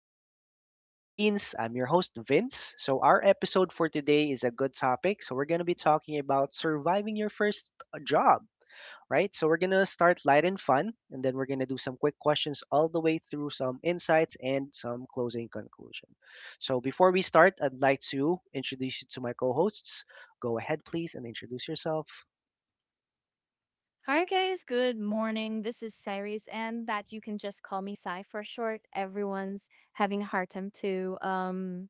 All in the Mind with Mr. Beans. I'm your host Vince. So our episode for today is a good topic. So we're going to be talking about surviving your first job, right? So we're going to start light and fun, and then we're going to do some quick questions all the way through, some insights and some closing conclusion. So before we start, I'd like to introduce you to my co-hosts. Go ahead please and introduce yourself. Hi guys, good morning. This is Ceres, and that you can just call me Sai for short. Everyone's having a hard time to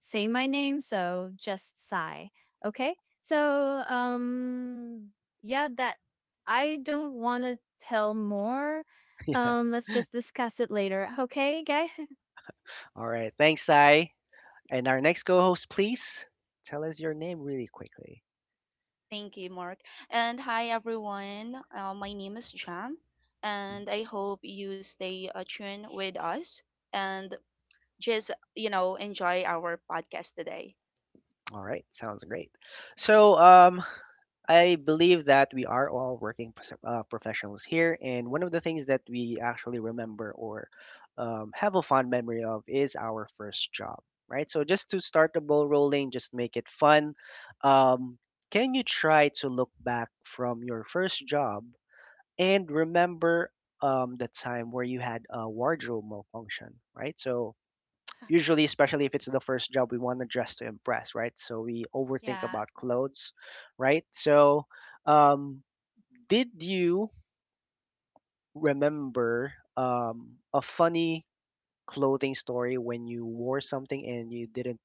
say my name, so just Sai. Okay? So yeah, that I don't want to tell more. Yeah. Let's just discuss it later. Okay, guy? All right. Thanks, Sai. And our next co-host, please tell us your name really quickly. Thank you, Mark. And hi, everyone. My name is Jam, and I hope you stay tuned with us and just, enjoy our podcast today. All right, sounds great. So, I believe that we are all working professionals here, and one of the things that we actually remember or have a fond memory of is our first job, right? So, just to start the ball rolling, just make it fun. Um, can you try to look back from your first job and remember the time where you had a wardrobe malfunction, right? So, usually especially if it's the first job, we want to dress to impress, right? So we overthink Yeah. about clothes, right? So um did you remember a funny clothing story when you wore something and you didn't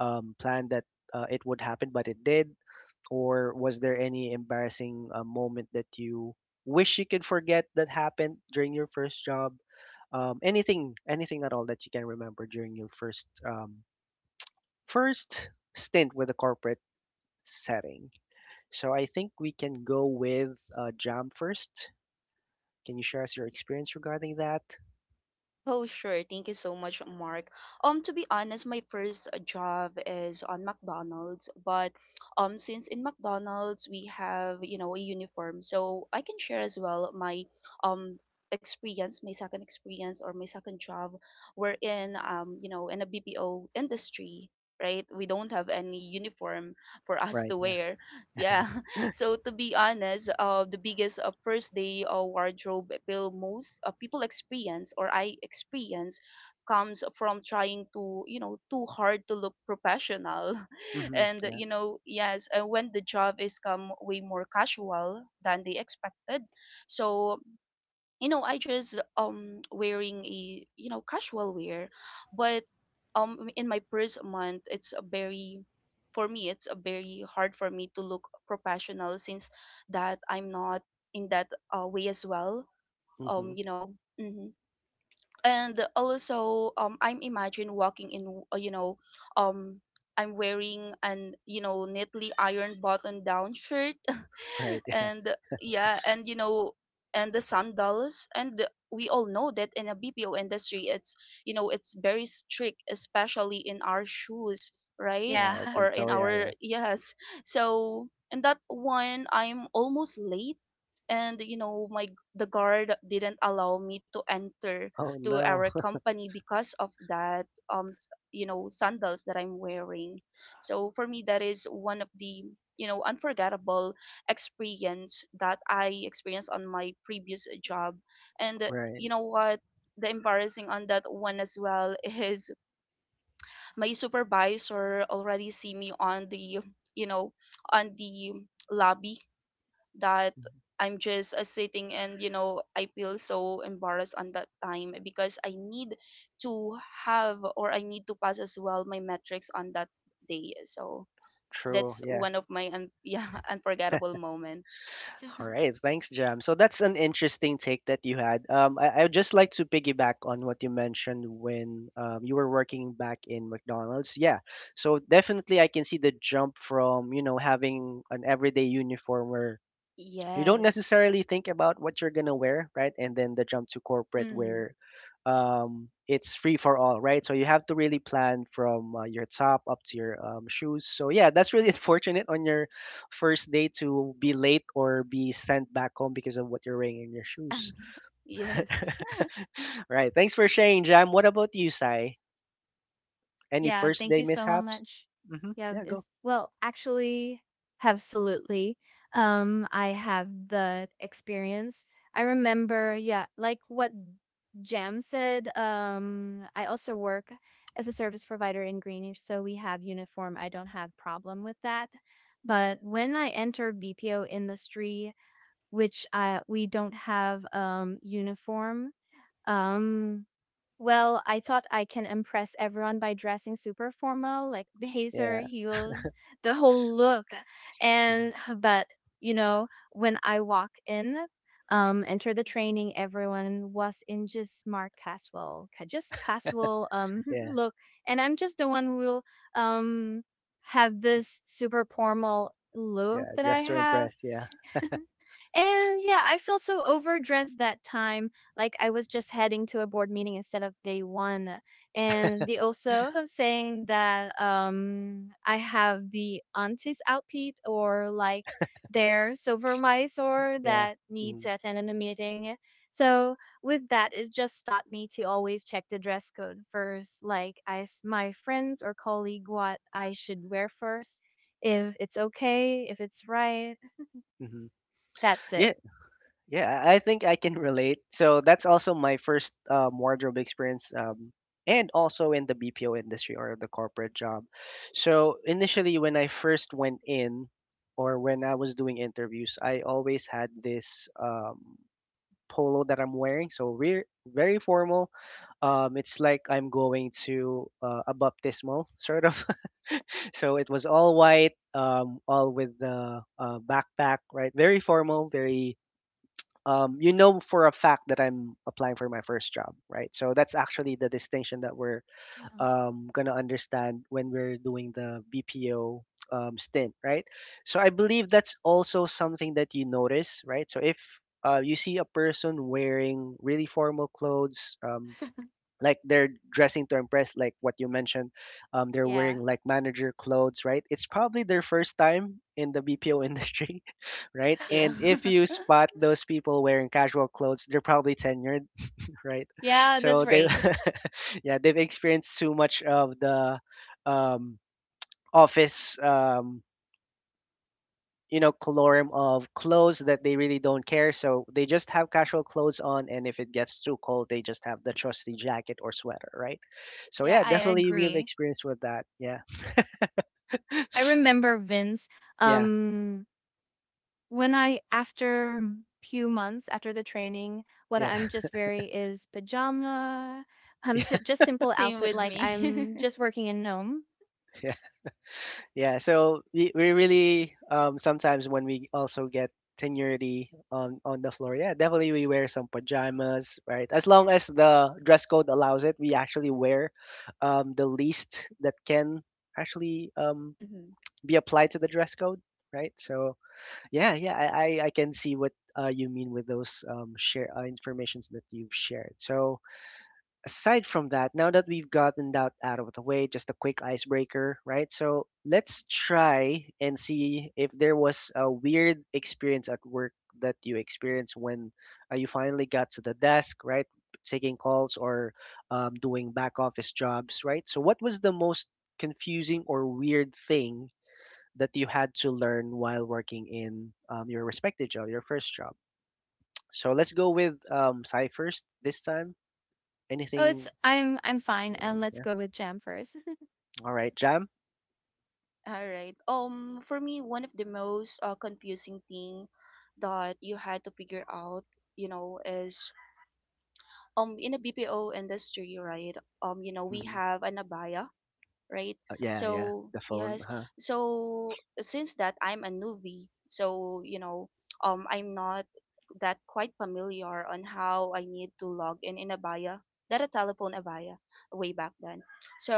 plan that it would happen, but it did? Or was there any embarrassing moment that you wish you could forget that happened during your first job? Anything, anything at all that you can remember during your first stint with a corporate setting. So I think we can go with Jam first. Can you share us your experience regarding that? Oh, sure. Thank you so much, Mark. To be honest, my first job is on McDonald's, but since in McDonald's we have, you know, a uniform, so I can share as well my um experience, my second experience or my second job. We're in in a BPO industry. Right, we don't have any uniform for us to Right. Yeah. wear. Yeah, so to be honest, the biggest first day wardrobe appeal most people experience or I experience comes from trying to too hard to look professional, hmm and Yeah. Yes, when the job is come way more casual than they expected, so I just wearing a casual wear but in my first month it's a very for me it's a very hard for me to look professional since that I'm not in that way as well. hmm um you know mhm and also I'm imagine walking in um I'm wearing an neatly ironed button down shirt, Right. and yeah, and and the sandals. And we all know that in a BPO industry, it's, it's very strict, especially in our shoes, right? Yeah. Yeah. Or Open. in So yeah. our, Yeah. yes, so in that one I'm almost late. And you know, my the guard didn't allow me to enter Oh to our no. company because of that you know sandals that I'm wearing. So for me that is one of the unforgettable experience that I experienced on my previous job. And Right. you know what, the embarrassing on that one as well, is my supervisor already see me on the you know on the lobby, that Mm-hmm. I'm just sitting. And you know, I feel so embarrassed on that time because I need to have, or I need to pass as well my metrics on that day. So True. that's Yeah. one of my yeah, unforgettable moment. All right, thanks, Jam. So that's an interesting take that you had. I would just like to piggyback on what you mentioned when you were working back in McDonald's. Yeah, so definitely I can see the jump from, you know, having an everyday uniform where you don't Yes. necessarily think about what you're gonna wear, right? And then the jump to corporate Mm. where it's free for all, right? So you have to really plan from your top up to your shoes. So yeah, that's really unfortunate on your first day to be late or be sent back home because of what you're wearing in your shoes. Yes. Right. Thanks for sharing, Jam. What about you, Sai? Any Yeah, first thank day you so mishaps? much. Hmm Yeah, Yeah, is go. well, actually, absolutely. I have the experience. I remember, yeah, like what Jam said. I also work as a service provider in Greenish, so we have uniform. I don't have problem with that. But when I enter BPO industry, which I we don't have uniform, um well, I thought I can impress everyone by dressing super formal, like blazer, Yeah. heels, the whole look. hmm And but you know, when I walk in, enter the training, everyone was in just smart casual, just casual Yeah. look, and I'm just the one who will um have this super formal Yeah. look that I Dress to have. impress. Yeah. And yeah, I felt so overdressed that time. Like I was just heading to a board meeting instead of day one. And they also have saying that I have the auntie's outfit or like their silver mice or Yeah. that need hmm to attend in a meeting. So with that, it just taught me to always check the dress code first. Like I asked my friends or colleague what I should wear first, if it's okay, if it's right. hmm That's it. Yeah. Yeah, I think I can relate. So that's also my first wardrobe experience, and also in the BPO industry or the corporate job. So initially, when I first went in, or when I was doing interviews, I always had this polo that I'm wearing. So we're very formal. It's like I'm going to a baptismal sort of. So it was all white, all with the backpack, right? Very formal, very you know, for a fact that I'm applying for my first job, right? So that's actually the distinction that we're Mhm. Gonna understand when we're doing the BPO stint, right? So I believe that's also something that you notice, right? So if you see a person wearing really formal clothes, like they're dressing to impress, like what you mentioned, they're Yeah. wearing like manager clothes, right? It's probably their first time in the BPO industry, right? Yeah. And if you spot those people wearing casual clothes, they're probably tenured, right? Yeah, that's So they, right. yeah, they've experienced too much of the um, office, you know, colorum of clothes that they really don't care. So they just have casual clothes on, and if it gets too cold, they just have the trusty jacket or sweater, right? So Yeah, yeah, I definitely we have agree. experience with that. Yeah, I remember Vince, yeah, um, when I, after few months after the training, what yeah, I'm just very is pajama, yeah. just simple Same outfit, with like me. I'm just working in Nome. Yeah, so we really sometimes when we also get seniority on the floor, yeah, definitely we wear some pajamas, right? As long as the dress code allows it, we actually wear the least that can actually Mhm. be applied to the dress code, right? So yeah, yeah, I can see what you mean with those share informations that you've shared. So aside from that, now that we've gotten that out of the way, just a quick icebreaker, right? So let's try and see if there was a weird experience at work that you experienced when you finally got to the desk, right? Taking calls or doing back office jobs, right? So, what was the most confusing or weird thing that you had to learn while working in your respective job, your first job? So, let's go with Cy first this time. Oh, Anything? I'm fine, and let's go with Jam first. Alright, Jam? All right. For me, one of the most confusing thing that you had to figure out, you know, is in a BPO industry, right? You know, we Mhm. have an abaya, right? Yeah, So the phone, yes, uh-huh. so since that I'm a newbie, so you know, I'm not that quite familiar on how I need to log in Abaya, that a telephone Abaya way back then.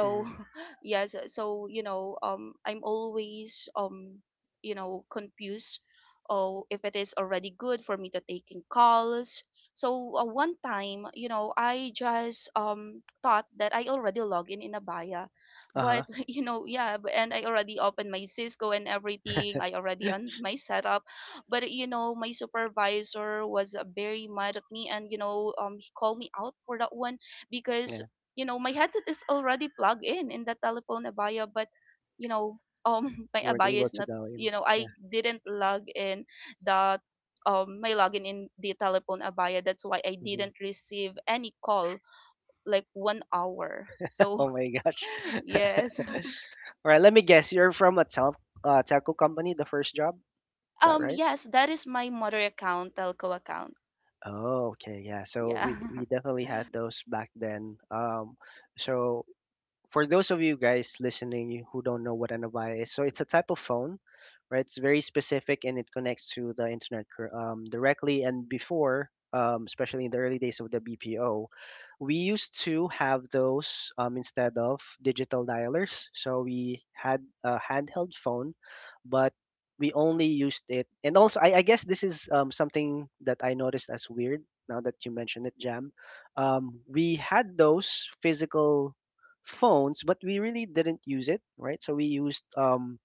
Mhm. yes, so you know, I'm always, you know, confused. Oh, if it is already good for me to taking calls. So one time, you know, I just thought that I already log in Abaya, Uh-huh. but and I already opened my Cisco and everything, I already on my setup. But you know, my supervisor was very mad at me, and you know, he called me out for that one, because Yeah, you know my headset is already plugged in the telephone abaya, but you know, my you weren't abaya able is to not, dial in. Yeah, I didn't log in the my login in the telephone abaya. That's why I mhm. didn't receive any call like 1 hour. So Oh my gosh. yes. Alright, let me guess, you're from a telco company, the first job? Is that right? Yes, that is my mother account, telco account. Oh, okay, yeah. So we Yeah. we definitely had those back then. So for those of you guys listening who don't know what an Avaya is, so it's a type of phone, right? It's very specific and it connects to the internet directly. And before, especially in the early days of the BPO, we used to have those instead of digital dialers. So we had a handheld phone, but we only used it. And also, I guess this is something that I noticed as weird now that you mentioned it, Jam. We had those physical phones, but we really didn't use it, right? So we used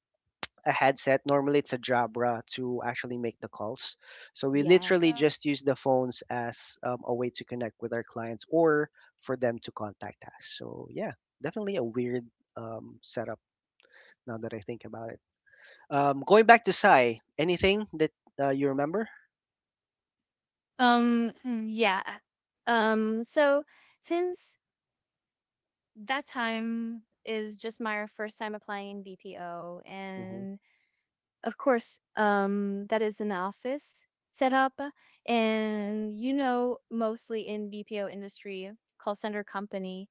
a headset. Normally, it's a Jabra to actually make the calls. So we literally Yes. Yeah. just use the phones as a way to connect with our clients or for them to contact us. So yeah, definitely a weird setup now that I think about it. Going back to Sai, anything that you remember? Um, mm, yeah. So since that time is just my first time applying in BPO, Hmm and of course, that is an office setup, and you know, mostly in BPO industry, call center company,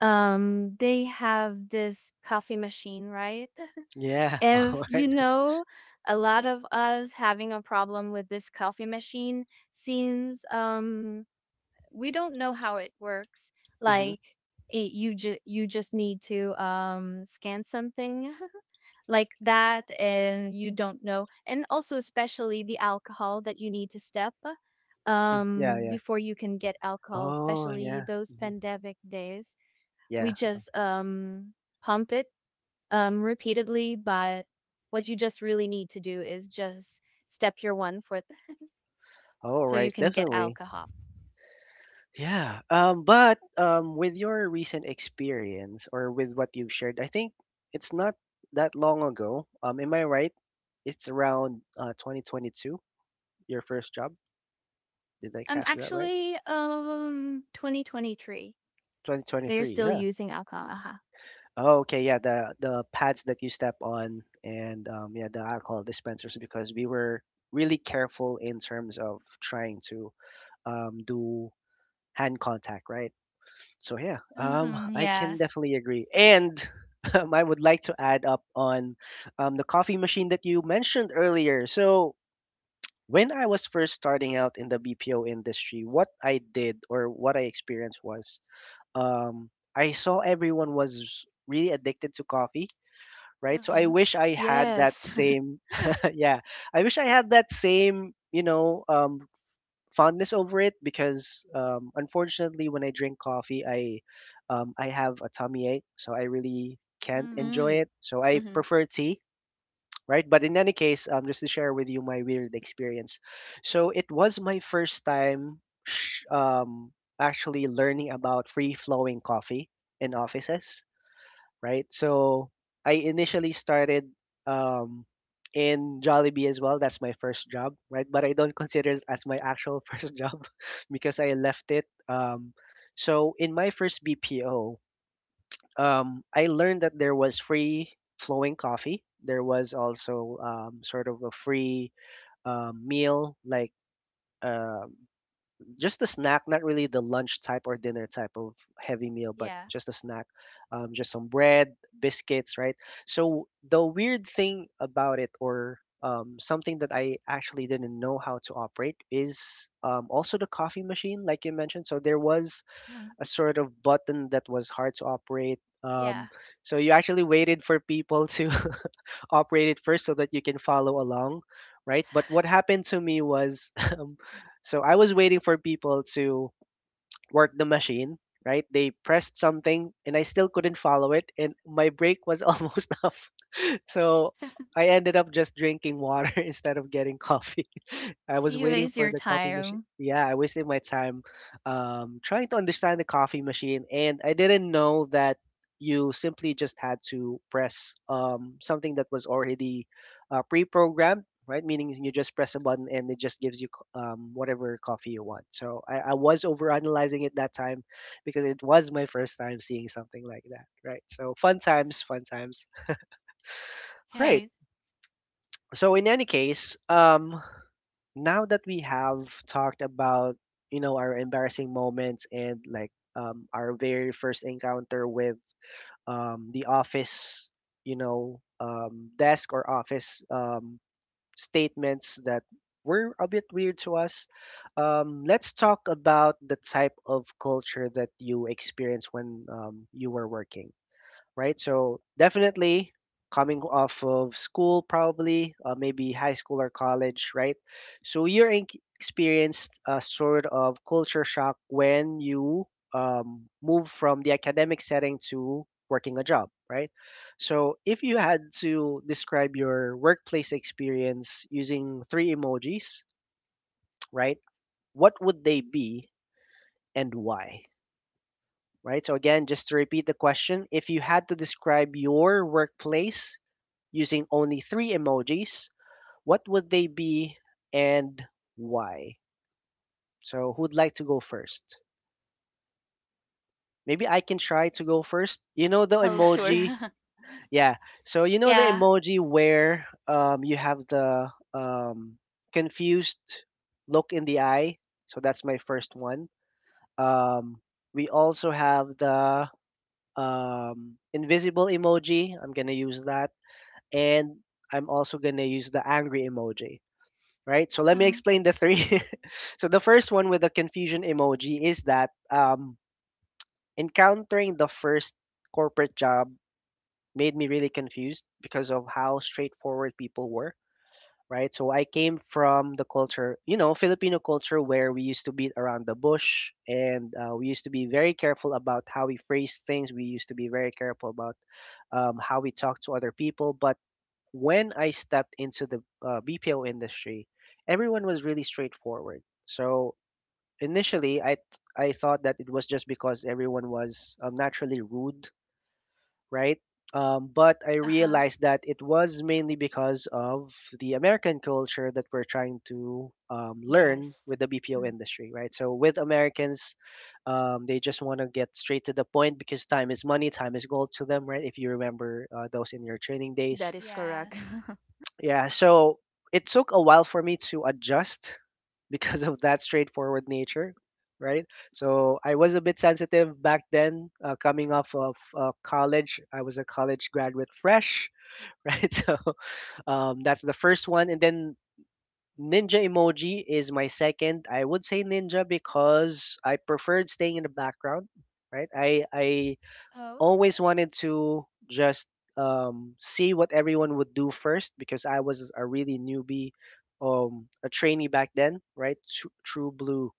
they have this coffee machine, right? Yeah. All If right. you know, a lot of us having a problem with this coffee machine seems we don't know how it works. Mm-hmm. Like, you just need to scan something like that and you don't know, and also especially the alcohol that you need to step Yeah. Yeah. before you can get alcohol, Oh, especially yeah. those hmm pandemic days. We Yeah. just pump it repeatedly, but what you just really need to do is just step your one foot All so you right. can get Definitely. alcohol. Yeah. But with your recent experience or with what you've shared, I think it's not that long ago. Am I right? It's around 2022, your first job. Did I um catch that right? actually um 2023 they're 2023. still Yeah. using alcohol. Uh-huh. Oh, okay. Yeah. The pads that you step on and yeah, the alcohol dispensers, because we were really careful in terms of trying to do hand contact, right? So yeah, Mm-hmm. I can Yes. definitely agree. And I would like to add up on the coffee machine that you mentioned earlier. So when I was first starting out in the BPO industry, what I did or what I experienced was um, I saw everyone was really addicted to coffee, right? So I Okay. wish I had that Yes. same, yeah, I wish I had that same, you know, fondness over it, because unfortunately when I drink coffee I have a tummy ache, so I really can't Mm. Mm. enjoy it, so I Mm-hmm. prefer tea, right? But in any case, just to share with you my weird experience, so it was my first time actually learning about free flowing coffee in offices, right? So I initially started um, in Jollibee as well. That's my first job, right? But I don't consider it as my actual first job because I left it. So in my first BPO, I learned that there was free flowing coffee. There was also sort of a free meal like. um just a snack, not really the lunch type or dinner type of heavy meal, but Yeah. just a snack, just some bread, biscuits, right? So the weird thing about it, or something that I actually didn't know how to operate, is also the coffee machine, like you mentioned. So there was Yeah. a sort of button that was hard to operate. Yeah. So you actually waited for people to operate it first so that you can follow along, right? But what happened to me was, so I was waiting for people to work the machine, right? They pressed something and I still couldn't follow it, and my break was almost up. So I ended up just drinking water instead of getting coffee. I was You waiting waste for your the coffee machine. time. Yeah, I wasted my time trying to understand the coffee machine, and I didn't know that you simply just had to press something that was already pre-programmed, right? Meaning you just press a button and it just gives you whatever coffee you want. So I was overanalyzing it that time because it was my first time seeing something like that, right? So fun times, fun times, right? Hey. So in any case, now that we have talked about our embarrassing moments and our very first encounter with the office, desk or office statements that were a bit weird to us. Let's talk about the type of culture that you experienced when you were working, right? So definitely coming off of school, probably maybe high school or college, right? So you're in- Experienced a sort of culture shock when you move from the academic setting to working a job, right? So if you had to describe your workplace experience using three emojis, right? What would they be and why? Right. So again, just to repeat the question, if you had to describe your workplace using only three emojis, what would they be and why? So, who'd like to go first? Maybe I can try to go first. You know the Oh, sure. emoji? Yeah. So, you know the Yeah. emoji where you have the confused look in the eye? So, that's my first one. Um, we also have the invisible emoji. I'm going to use that. And I'm also going to use the angry emoji, right? So let me Um, explain the three. So the first one with the confusion emoji is that encountering the first corporate job made me really confused because of how straightforward people were, right? So I came from the culture, you know, Filipino culture where we used to beat around the bush and we used to be very careful about how we phrase things. We used to be very careful about how we talk to other people. But when I stepped into the BPO industry, everyone was really straightforward. So initially, I thought that it was just because everyone was naturally rude, right? But I uh-huh. realized that it was mainly because of the American culture that we're trying to Yes. learn with the BPO Mm. industry, right? So with Americans, they just want to get straight to the point because time is money, time is gold to them, right? If you remember those in your training days. That is correct. Yes. Yeah, so it took a while for me to adjust because of that straightforward nature, right? So I was a bit sensitive back then, coming off of college. I was a college graduate fresh, right? So that's the first one. And then Ninja Emoji is my second. I would say Ninja because I preferred staying in the background, right? I Oh, always wanted to just see what everyone would do first because I was a really newbie, a trainee back then, right? True blue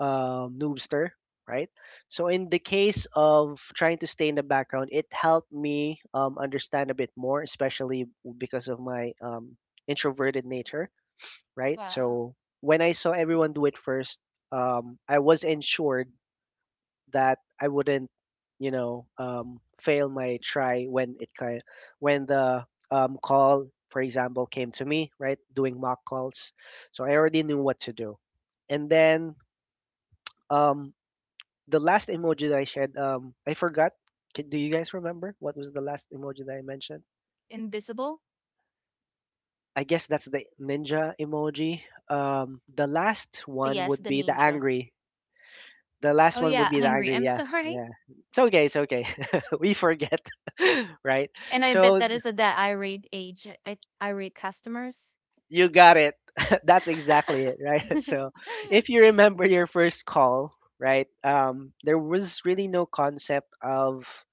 noobster, right? So in the case of trying to stay in the background, it helped me understand a bit more, especially because of my introverted nature, right? wow. So when I saw everyone do it first, I was ensured that I wouldn't, fail my try when it kind when the call, for example, came to me, right? Doing mock calls, so I already knew what to do. And then um, the last emoji that I shared, I forgot. Can, do you guys remember what was the last emoji that I mentioned? Invisible? I guess that's the ninja emoji. The last one Yes, would the be the ninja. angry. The last Oh one would yeah, be the hungry. angry. I'm Yeah, sorry. yeah. It's okay. It's okay. We forget, right? And I bet So that is a that irate age I irate customers. you got it. That's exactly it, right? So if you remember your first call, right? There was really no concept of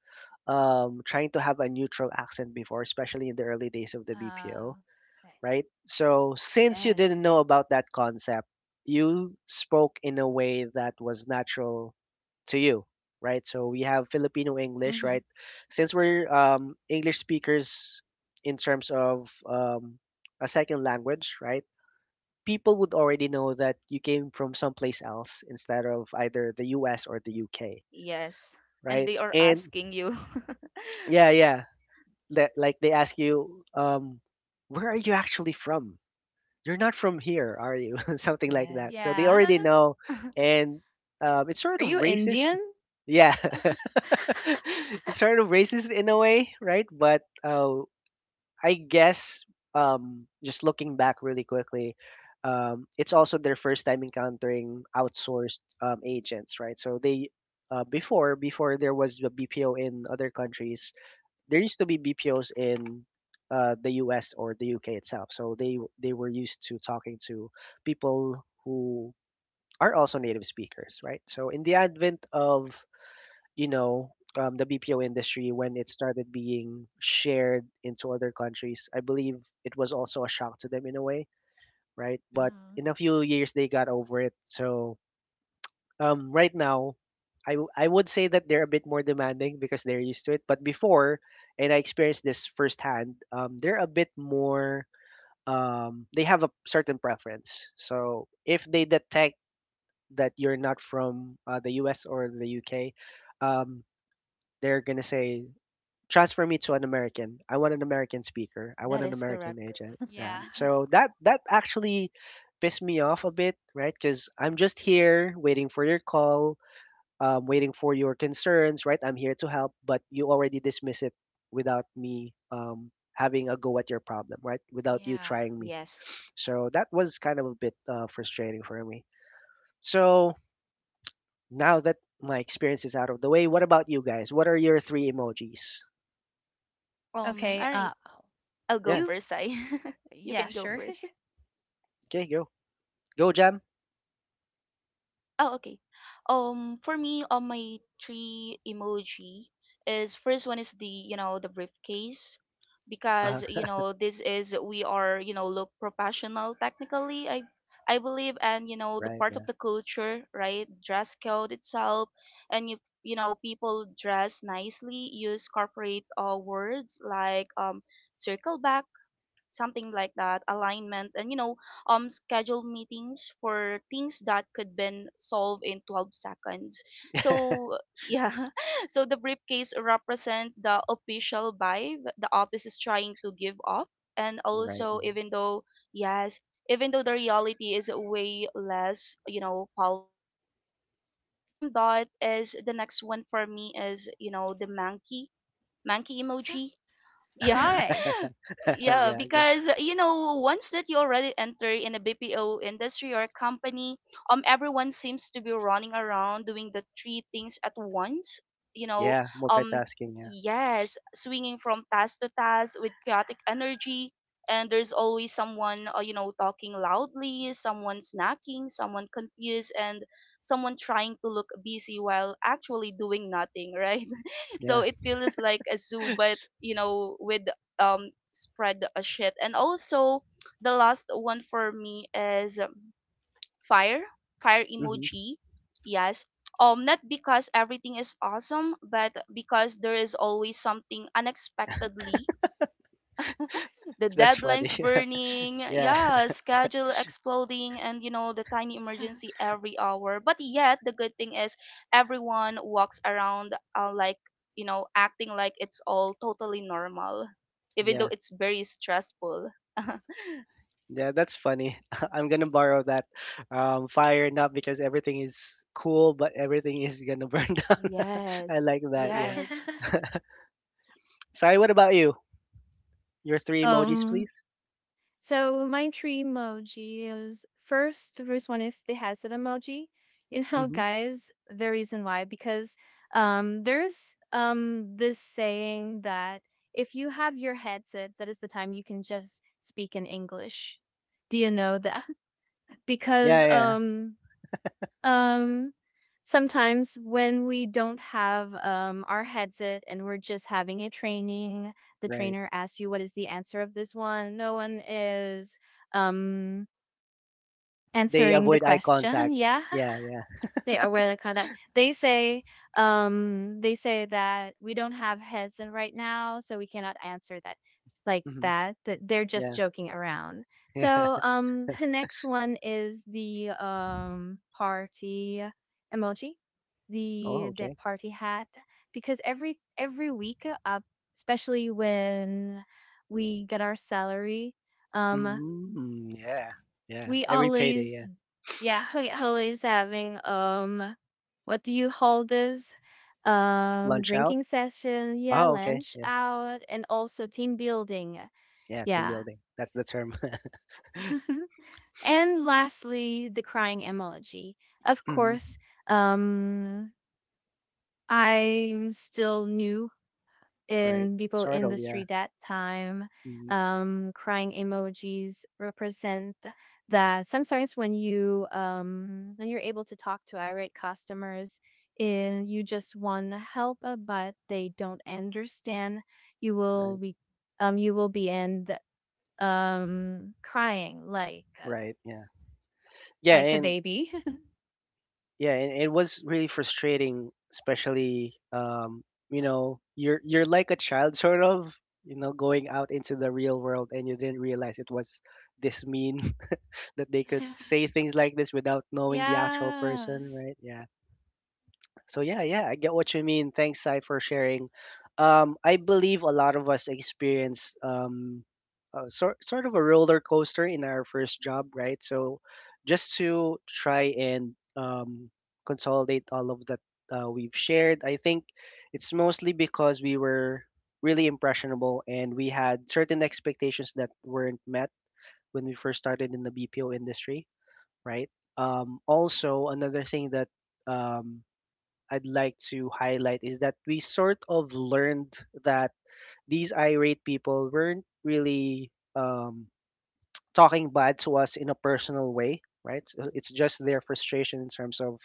trying to have a neutral accent before, especially in the early days of the Uh, BPO, right. right? So since you Yes. didn't know about that concept, you spoke in a way that was natural to you, right? So we have Filipino English, Mm-hmm. right? Since we're English speakers in terms of a second language, right? People would already know that you came from someplace else instead of either the US or the UK, Yes. And right? they are And asking you. yeah, yeah, that like they ask you, where are you actually from? You're not from here, are you? Something like that. Yes. So they Yeah. already know, and it's sort Are of you racist. Indian? Yeah, it's sort of racist in a way, right? But I guess just looking back really quickly, it's also their first time encountering outsourced agents, right? So they uh, before there was a BPO in other countries, there used to be BPOs in the US or the UK itself. So they were used to talking to people who are also native speakers, right? So in the advent of you know the BPO industry when it started being shared into other countries, I believe it was also a shock to them in a way, right? Mm-hmm. But Mm, in a few years they got over it. So right now, I would say that they're a bit more demanding because they're used to it. But before, and I experienced this firsthand, they have a certain preference. So if they detect that you're not from the US or the UK, um, they're going to say, transfer me to an American. I want an American speaker. I want That an is American correct. agent. Yeah. yeah. So that actually pissed me off a bit, right? Because I'm just here waiting for your call waiting for your concerns, right? I'm here to help, but you already dismiss it without me having a go at your problem, right? Without you Yeah. trying me. Yes. So that was kind of a bit frustrating for me. So now that my experience is out of the way, what about you guys? What are your three emojis? Okay. All right. I'll go Yeah. You. first, I. You Yeah. can go Sure. first. Okay, go. Go, Jam. Oh, okay. For me, on my three emoji is, first one is the, you know, the briefcase, Uh, because you know this is, we are, you know, look professional technically, I believe. And you know, the right. part Yeah. of the culture, right? Dress code itself. And you know, people dress nicely, use corporate words like circle back, something like that, alignment. And schedule meetings for things that could been solved in 12 seconds. So yeah, so the briefcase represent the official vibe the office is trying to give off. And Right. also, Mhm. even though, yes, even though the reality is way less, you know, polished. And aside from that is the next one for me is, you know, the monkey, monkey emoji. Yeah, Bye. yeah, Yeah. Go. because you know, once that you already enter in a BPO industry or company, everyone seems to be running around doing the three things at once, you know, Yeah. um Multitasking. Yeah. yes, swinging from task to task with chaotic energy. And there's always someone you know, talking loudly, someone snacking, someone confused, and someone trying to look busy while actually doing nothing. Right? So Yeah. it feels like a zoo, but you know, with spread a shit. And also, the last one for me is fire fire Hmm. emoji. Yes. Not because everything is awesome, but because there is always something unexpectedly, the That's funny. deadlines burning, Yeah. yeah, schedule exploding, and you know, the tiny emergency every hour. But yet, the good thing is everyone walks around like, you know, acting like it's all totally normal, even though Yeah. it's very stressful. Yeah, that's funny. I'm gonna borrow that, fire, not because everything is cool, but everything is gonna burn down. I Yes, like that. Right. Yeah. yes, Sorry. What about you? Your three emojis, um. please. So my three emoji is first, the first one is the hazard emoji. You know, Hmm. guys, the reason why, because there's this saying that if you have your headset, that is the time you can just speak in English. Do you know that? Yeah. Because Yeah, yeah. Um, sometimes when we don't have our headset and we're just having a training, the Right. trainer asks you what is the answer of this one. No one is um, They answering the avoid eye question. contact. Yeah. Yeah. Yeah. They are really kind of they say that we don't have heads in right now, so we cannot answer that like Hmm. that. That they're just Yeah. joking around. Yeah. So the next one is the party emoji, Oh. the Okay. party hat, because every week especially when we get our salary, um Mm. Yeah. Yeah. we Every payday. always Yeah. yeah, we always having what do you call this Lunch out. drinking session, yeah, Oh. Okay. lunch Yeah. out, and also team building. Yeah. Team Yeah. building. That's the term. And lastly, the crying emoji, of Hmm. course. um I'm still new Right. in people Sort of. Yeah. industry, that time. Hmm. Crying emojis represent that sometimes when you when you're able to talk to irate customers and you just want to help, but they don't understand, you will Right. be end crying like, Right. Yeah. Yeah. like a And baby. yeah, and it was really frustrating, especially you know, you're like a child, sort of, you know, going out into the real world and you didn't realize it was this mean, that they could say things like this without knowing the actual person, Yes. right? Yeah. So yeah, yeah, I get what you mean. Thanks, Sai, for sharing. I believe a lot of us experience sort of a roller coaster in our first job, right? So just to try and consolidate all of that we've shared, I think it's mostly because we were really impressionable and we had certain expectations that weren't met when we first started in the BPO industry, right? Also, another thing that um, I'd like to highlight is that we sort of learned that these irate people weren't really talking bad to us in a personal way, right? So it's just their frustration in terms of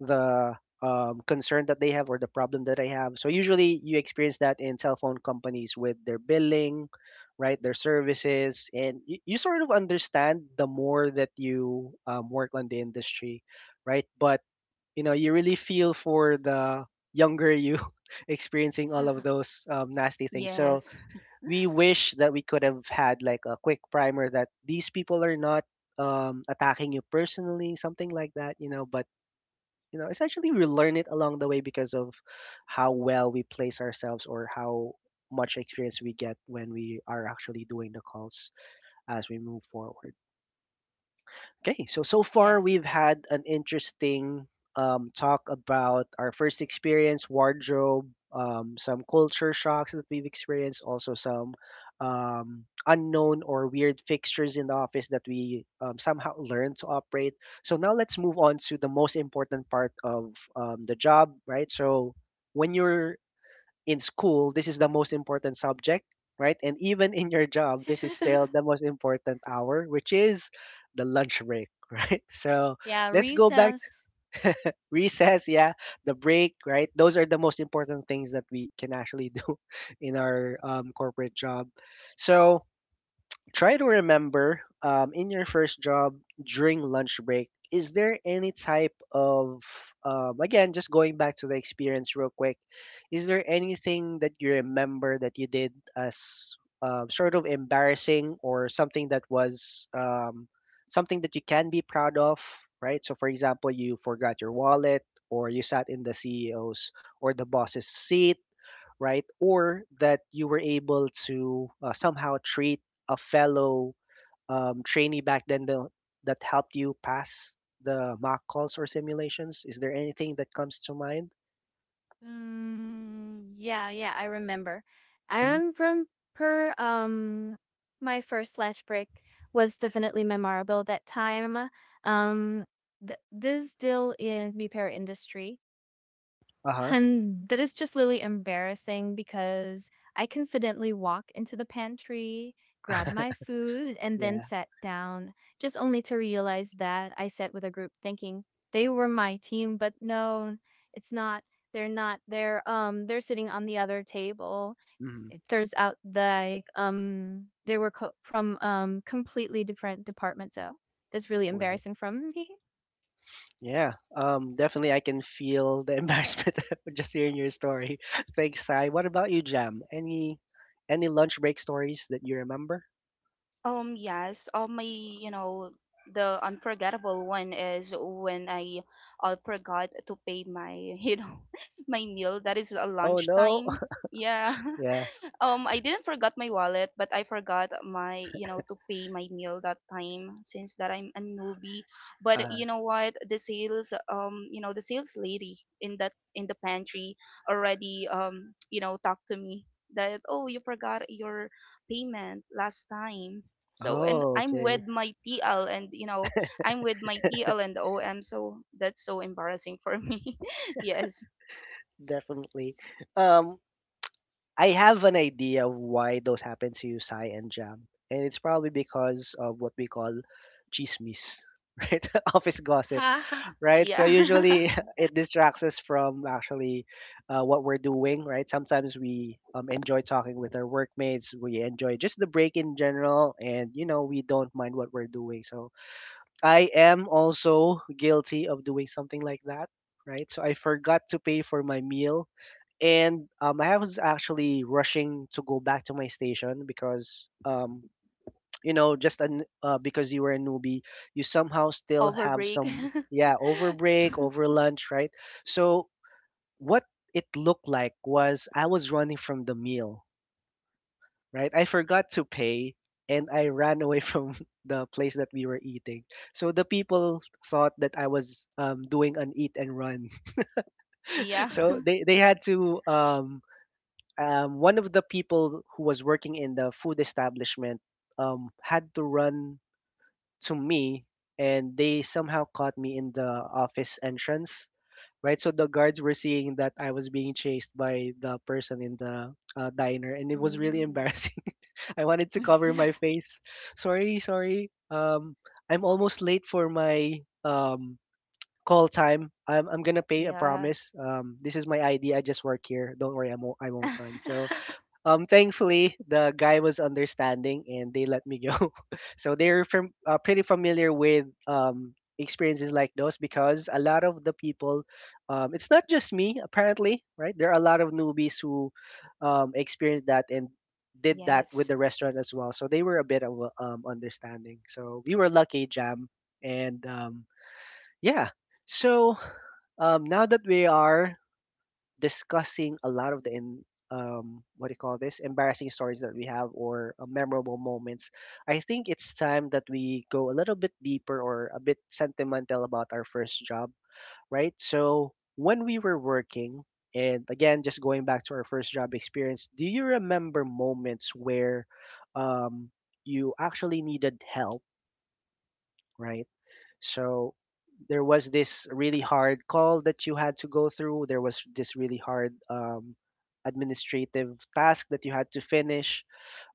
the concern that they have or the problem that they have. So usually you experience that in cell phone companies with their billing, right, their services, and you sort of understand the more that you work on the industry, right? But you know, you really feel for the younger you experiencing all of those nasty things. So yes. we wish that we could have had like a quick primer that these people are not attacking you personally, something like that, you know. But you know, essentially, we learn it along the way because of how well we place ourselves or how much experience we get when we are actually doing the calls as we move forward. Okay, so so far we've Yes. had an interesting talk about our first experience, wardrobe, some culture shocks that we've experienced, also some unknown or weird fixtures in the office that we somehow learned to operate. So now let's move on to the most important part of the job, right? So when you're in school, this is the most important subject, right? And even in your job, this is still the most important hour, which is the lunch break. Right, so Yeah. let's go back to Reasons. recess, yeah, the break, right? Those are the most important things that we can actually do in our corporate job. So try to remember, in your first job, during lunch break, is there any type of again, just going back to the experience real quick, is there anything that you remember that you did as sort of embarrassing or something that was something that you can be proud of, right? So, for example, you forgot your wallet, or you sat in the CEO's or the boss's seat, right? Or that you were able to somehow treat a fellow trainee back then that helped you pass the mock calls or simulations? Is there anything that comes to mind? Mm, yeah, yeah, I remember. I Hmm. remember my first lunch break was definitely memorable that time. Um this deal in repair industry. Uh huh. And that is just really embarrassing because I confidently walk into the pantry, grab my food, and then Yeah. sat down, just only to realize that I sat with a group thinking they were my team, but no, it's not. They're not. They're sitting on the other table. Mm-hmm. It turns out like they were from completely different departments. So that's really Right. embarrassing from me. Yeah. Definitely, I can feel the embarrassment just hearing your story. Thanks, Sai. What about you, Jam? Any lunch break stories that you remember? Yes. My, you know, the unforgettable one is when I forgot to pay my, you know, my meal. That is a Oh no. lunchtime. Yeah. Yeah. I didn't forgot my wallet, but I forgot my, you know, to pay my meal that time since that I'm a newbie. But Uh, you know what? The sales lady in that, in the pantry already, you know, talked to me that, oh, you forgot your payment last time. So, and oh, okay. I'm with my TL and OM, so that's so embarrassing for me. Yes, Definitely. Um, I have an idea of why those happen to you, Sai and Jam, and it's probably because of what we call chismis, right? Office gossip. Right? So yeah, usually it distracts us from actually what we're doing, right? Sometimes we enjoy talking with our workmates. We enjoy just the break in general, and you know we don't mind what we're doing. So I am also guilty of doing something like that, right? So I forgot to pay for my meal. And I was actually rushing to go back to my station because you know just an because you were a newbie, you somehow still over have break. some, yeah, over break, over lunch, right? So what it looked like was I was running from the meal, right? I forgot to pay, and I ran away from the place that we were eating. So the people thought that I was doing an eat and run. Yeah. So they had to one of the people who was working in the food establishment had to run to me, and they somehow caught me in the office entrance. Right, so the guards were seeing that I was being chased by the person in the diner, and it was really Mm. embarrassing. I wanted to cover my face. Sorry, sorry, I'm almost late for my um call time. I'm gonna pay, a Yeah. promise. This is my ID. I just work here. Don't worry, I won't run. So thankfully, the guy was understanding and they let me go. So they're from, pretty familiar with experiences like those because a lot of the people, it's not just me, apparently, right? There are a lot of newbies who experienced that and did that with Yes. the restaurant as well. So they were a bit of a, understanding. So we were lucky, Jam. And yeah. So now that we are discussing a lot of the in, what do you call this, embarrassing stories that we have or memorable moments, I think it's time that we go a little bit deeper or a bit sentimental about our first job, right? So when we were working, and again, just going back to our first job experience, do you remember moments where um, you actually needed help? Right, so there was this really hard call that you had to go through. There was this really hard administrative task that you had to finish,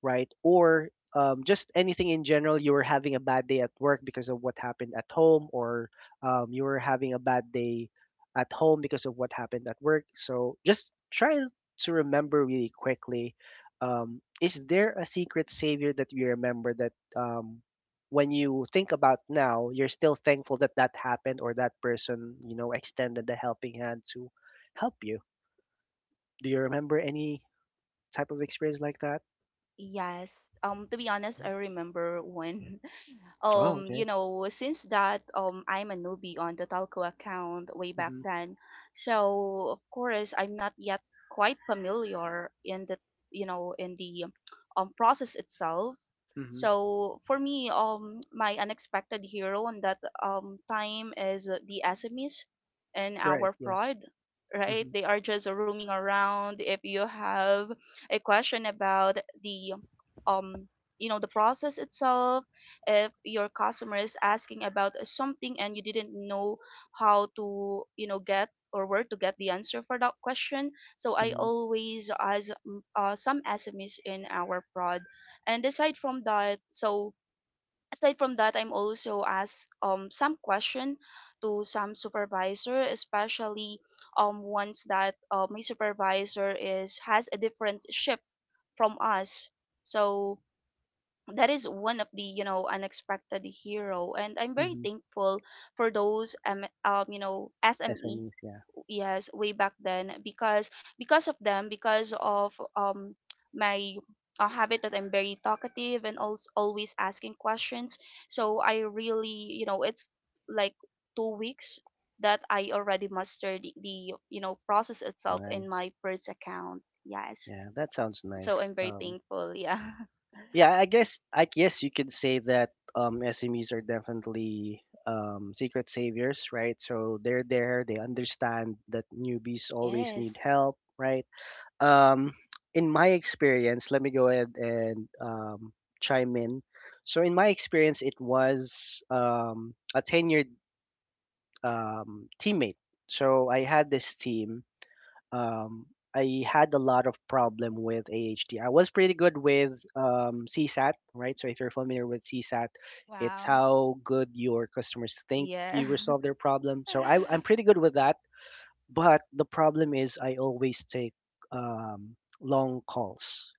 right? Or just anything in general, you were having a bad day at work because of what happened at home, or you were having a bad day at home because of what happened at work. So just try to remember really quickly. Is there a secret savior that you remember that, when you think about now, you're still thankful that that happened, or that person, extended a helping hand to help you? Do you remember any type of experience like that? Yes. To be honest, I remember when, Oh, you okay. know, since that I'm a newbie on the talco account way back then, so of course I'm not yet quite familiar in the, you know, in the process itself. Mm-hmm. So for me, my unexpected hero on that time is the SMEs and Right, our yeah. fraud, right? Mhm, They are just roaming around. If you have a question about the, um you know, the process itself, if your customer is asking about something and you didn't know how to, you know, get or where to get the answer for that question, so I mhm, always ask some SMEs in our prod. And aside from that, I'm also asked some question to some supervisor, especially ones that my supervisor is has a different shift from us. So that is one of the, you know, unexpected hero, and I'm very mhm. thankful for those you know SME, SMEs, yeah. yes, way back then, because of them because of my habit that I'm very talkative and also always asking questions. So I really, you know, it's like 2 weeks that I already mastered the you know, process itself in Nice. my first account. Yes, Yeah, that sounds so nice. I'm very thankful. Yeah. Yeah, I guess you could say that SMEs are definitely secret saviors, right? So they're there. They understand that newbies always need help, right? Um, in my experience, let me go ahead and chime in. So in my experience, it was a tenured teammate. So I had this team um, I had a lot of problem with AHT. I was pretty good with CSAT, right? So if you're familiar with CSAT, it's Wow. how good your customers think Yeah. you resolve their problem. So I'm pretty good with that. But the problem is I always take um, long calls,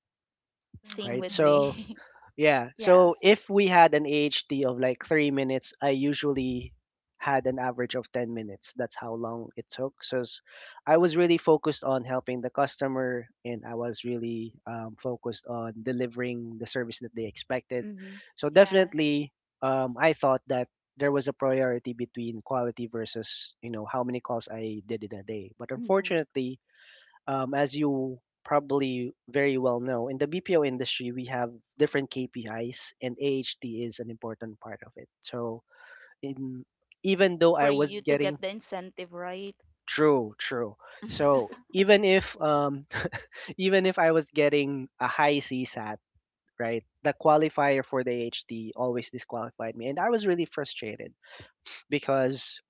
Same right? with Mhm. So me. yeah. So Yes. if we had an AHT of like 3 minutes, I usually had an average of 10 minutes. That's how long it took. I was really focused on helping the customer, and I was really focused on delivering the service that they expected. Mm-hmm. So Yes. definitely, I thought that there was a priority between quality versus you know how many calls I did in a day. But Mm-hmm. unfortunately, as you probably very well know, in the BPO industry, we have different KPIs, and AHT is an important part of it. So, in, even though For I was you to getting get the incentive, right? true, true. So even if even if I was getting a high CSAT, right, the qualifier for the AHT always disqualified me, and I was really frustrated because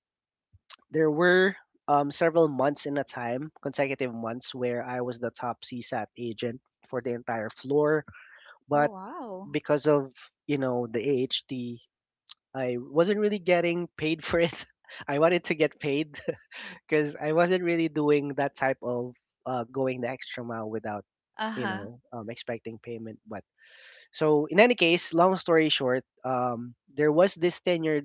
there were several months in a time, consecutive months, where I was the top CSAT agent for the entire floor. Oh, But wow. because of you know the AHT, I wasn't really getting paid for it. I wanted to get paid because I wasn't really doing that type of going the extra mile without you Uh-huh. know expecting payment. But so in any case, long story short, there was this tenure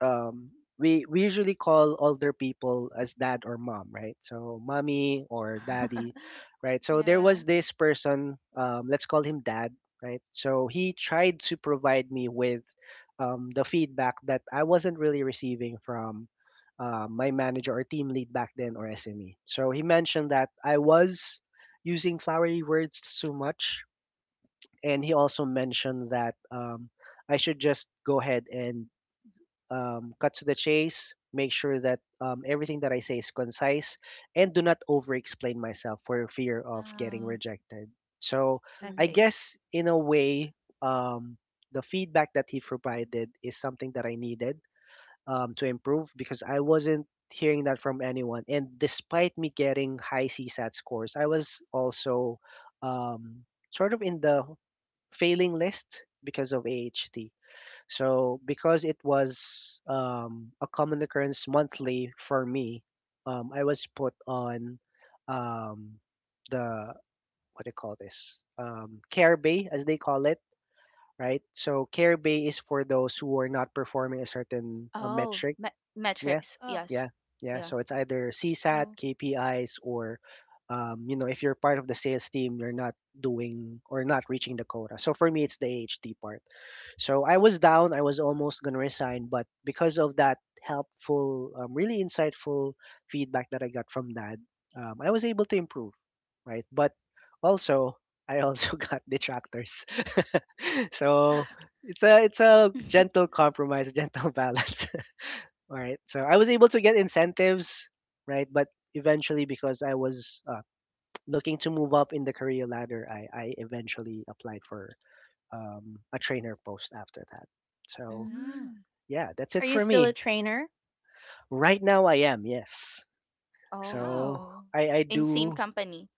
um, we usually call older people as dad or mom, right? So mommy Yeah. or daddy, right? So there Yeah. was this person, let's call him dad, right? So he tried to provide me with the feedback that I wasn't really receiving from my manager or team lead back then, or SME. So he mentioned that I was using flowery words too much, and he also mentioned that I should just go ahead and cut to the chase, make sure that everything that I say is concise, and do not over explain myself for fear of getting Oh. rejected. So I Mm. Agree. guess in a way, um, the feedback that he provided is something that I needed to improve because I wasn't hearing that from anyone. And despite me getting high CSAT scores, I was also um, sort of in the failing list because of AHT. So because it was a common occurrence monthly for me, I was put on um, the what do you call this, care bay as they call it, right? So care bay is for those who are not performing a certain Oh, metric. Yeah, metrics. Oh. Yes. yeah, yeah. Yeah. So it's either CSAT, Oh. KPIs, or you know, if you're part of the sales team, you're not doing or not reaching the quota. So for me, it's the AHT part. So I was down. I was almost gonna resign, but because of that helpful, really insightful feedback that I got from Dad, I was able to improve, right? But also, I also got detractors. So it's a gentle compromise, a gentle balance. All right. So I was able to get incentives, right? But eventually, because I was looking to move up in the career ladder, I eventually applied for a trainer post after that. So Mm. Mm. yeah, that's it Are you for still a me. trainer? Right now, I am, yes. Oh, So wow. Oh. I In same do. company.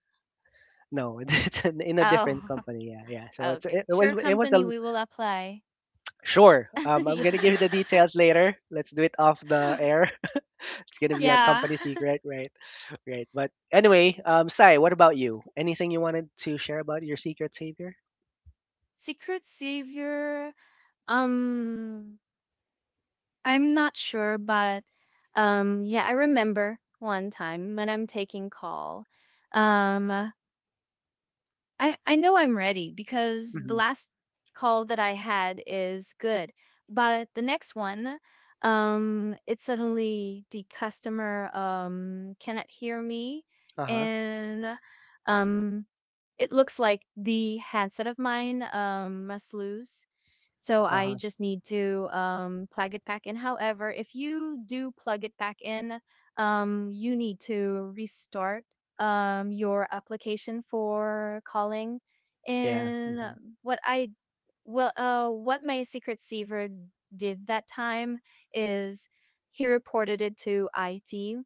No, it's in a different Oh, company. Yeah, yeah. So okay. Was, Sure it was company, a we will apply. sure. I'm gonna Yeah. give you the details later. Let's do it off the air. It's gonna be a Yeah. company secret, right? Right. But anyway, Sai, what about you? Anything you wanted to share about your secret savior? Secret savior. Um, I'm not sure, but yeah, I remember one time when I'm taking call. Um, I know I'm ready because the Mm-hmm. last call that I had is good. But the next one, it's suddenly the customer cannot hear me, Uh huh. and um it looks like the handset of mine must lose, so Uh I huh. just need to plug it back in. However, if you do plug it back in, you need to restart your application for calling. Yeah. And Hmm. what I well, what my secret saver did that time is he reported it to IT.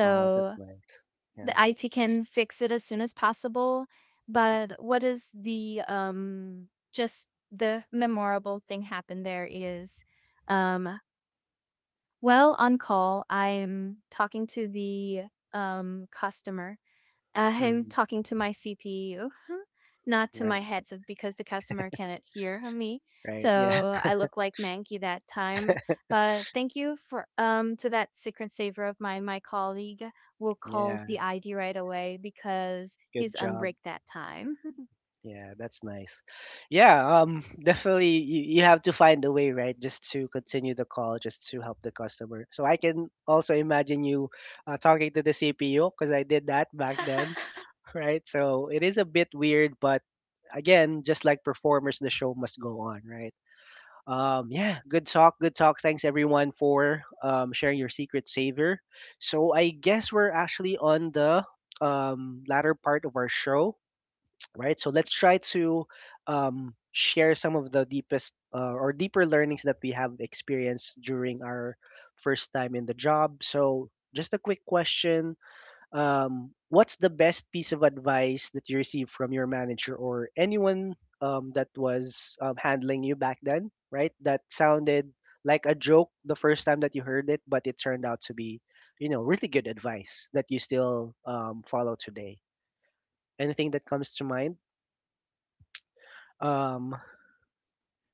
Oh, that's nice. Yeah. the IT can fix it as soon as possible. But what is the just the memorable thing happened there is um well, on call I'm talking to the customer, I'm Hmm. talking to my CPU, not to my Right. headset because the customer cannot hear me. Right. Yeah. So I look like Mankey that time. But thank you for to that secret saver of mine, my colleague who calls Yeah. the ID right away because Good he's on job. break that time. Yeah, that's nice. Yeah, definitely you have to find a way, right, just to continue the call, just to help the customer. So I can also imagine you talking to the CPU because I did that back then, right? So it is a bit weird, but again, just like performers, the show must go on, right? Yeah, good talk, good talk. Thanks everyone for sharing your secret saver. So I guess we're actually on the latter part of our show, right? So let's try to share some of the deepest or deeper learnings that we have experienced during our first time in the job. So, just a quick question. What's the best piece of advice that you received from your manager or anyone that was handling you back then, right? That sounded like a joke the first time that you heard it, but it turned out to be, you know, really good advice that you still follow today. Anything that comes to mind? Um,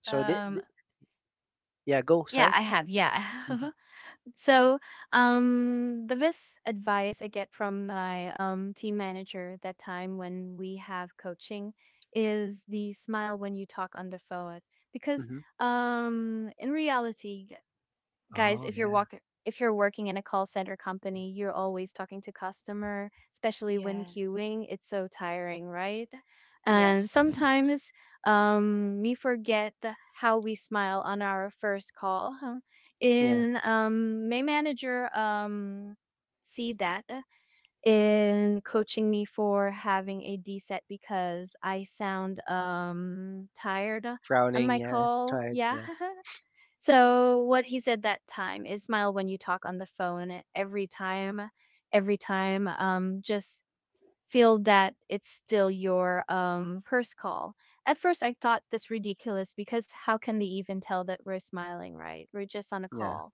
So the Um the yeah, go, yeah, Sai. I have. Yeah, I Mhm, have. So, the best advice I get from my team manager that time when we have coaching is the smile when you talk on the phone. Because mhm. In reality, guys, Oh, yeah. If you're working in a call center company, you're always talking to customer, especially when Yes. queuing, it's so tiring, right? And Yes. sometimes we forget how we smile on our first call, huh? Yeah, in My manager see that in coaching me for having a D set because I sound tired on frowning. my Yeah, call. tried. Yeah. Yeah, So what he said that time is smile when you talk on the phone, eh, every time, every time. Just feel that it's still your first call. At first, I thought this ridiculous because how can they even tell that we're smiling, right? We're just on a yeah, call.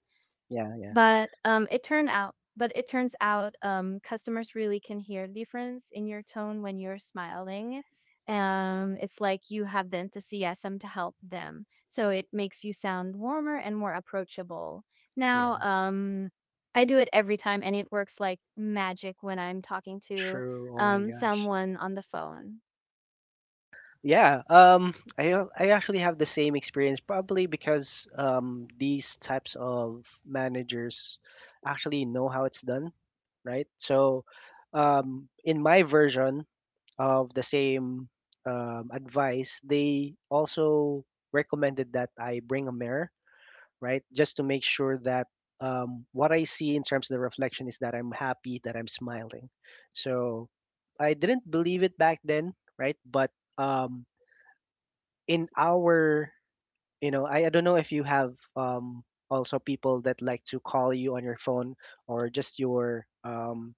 yeah, yeah, But it turns out customers really can hear the difference in your tone when you're smiling. It's like you have the enthusiasm to help them, so it makes you sound warmer and more approachable. Now, yeah. I do it every time, and it works like magic when I'm talking to True. Oh my God. someone on the phone. Yeah. I actually have the same experience, probably because these types of managers actually know how it's done, right? So, in my version of the same advice, they also recommended that I bring a mirror, right? Just to make sure that what I see in terms of the reflection is that I'm happy, that I'm smiling. So I didn't believe it back then, right? But um, in our I don't know if you have also people that like to call you on your phone or just your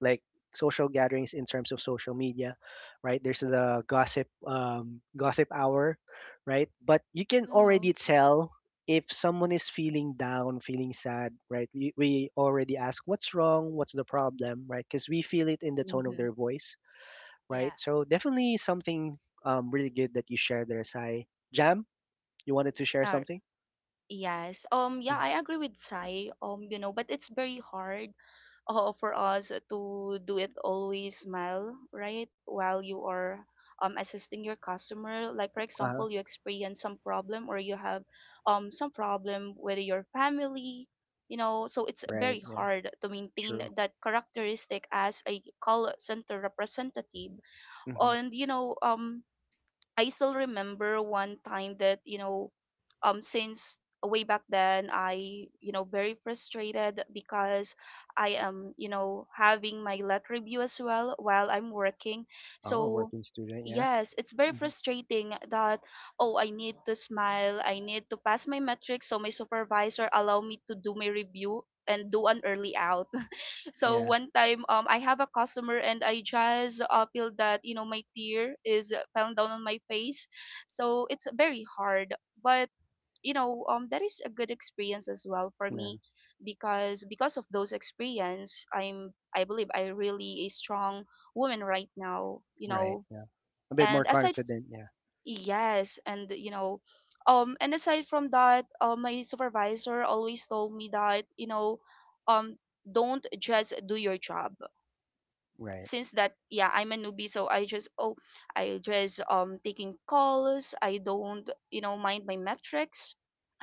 like social gatherings in terms of social media, right? There's the gossip gossip hour, right? But you can Oh, already tell if someone is feeling down, feeling sad, right? We already ask what's wrong, what's the problem, right? Because we feel it in the tone of Mm-hmm. their voice, right? yeah. So definitely something really good that you share there, Sai. Jam, you wanted to share something. Yes. Yeah, Mm. I agree with Sai. You know, but it's very hard for us to do it always smile, right? While you are assisting your customer, like for Uh-huh. example, you experience some problem or you have some problem with your family, you know, so it's Right, very yeah, hard to maintain true. that characteristic as a call center representative. Mhm. And you know, I still remember one time that, you know, since way back then, I, you know, very frustrated because I am, you know, having my let review as well while I'm working. Oh, a So working student, yeah. yes, it's very Mhm. frustrating that, oh, I need to smile, I need to pass my metrics. So my supervisor allow me to do my review and do an early out. So Yeah, one time, I have a customer, and I just feel that, you know, my tear is falling down on my face. So it's very hard, but you know, that is a good experience as well for no, me. Because of those experience, I believe I really a strong woman right now, you right, know. yeah. A bit more and aside f- confident, yeah. yes, and you know, and aside from that, my supervisor always told me that, you know, um don't just do your job. Right. Since that, yeah, I'm a newbie, so I just, oh, I just taking calls, I don't, you know, mind my metrics.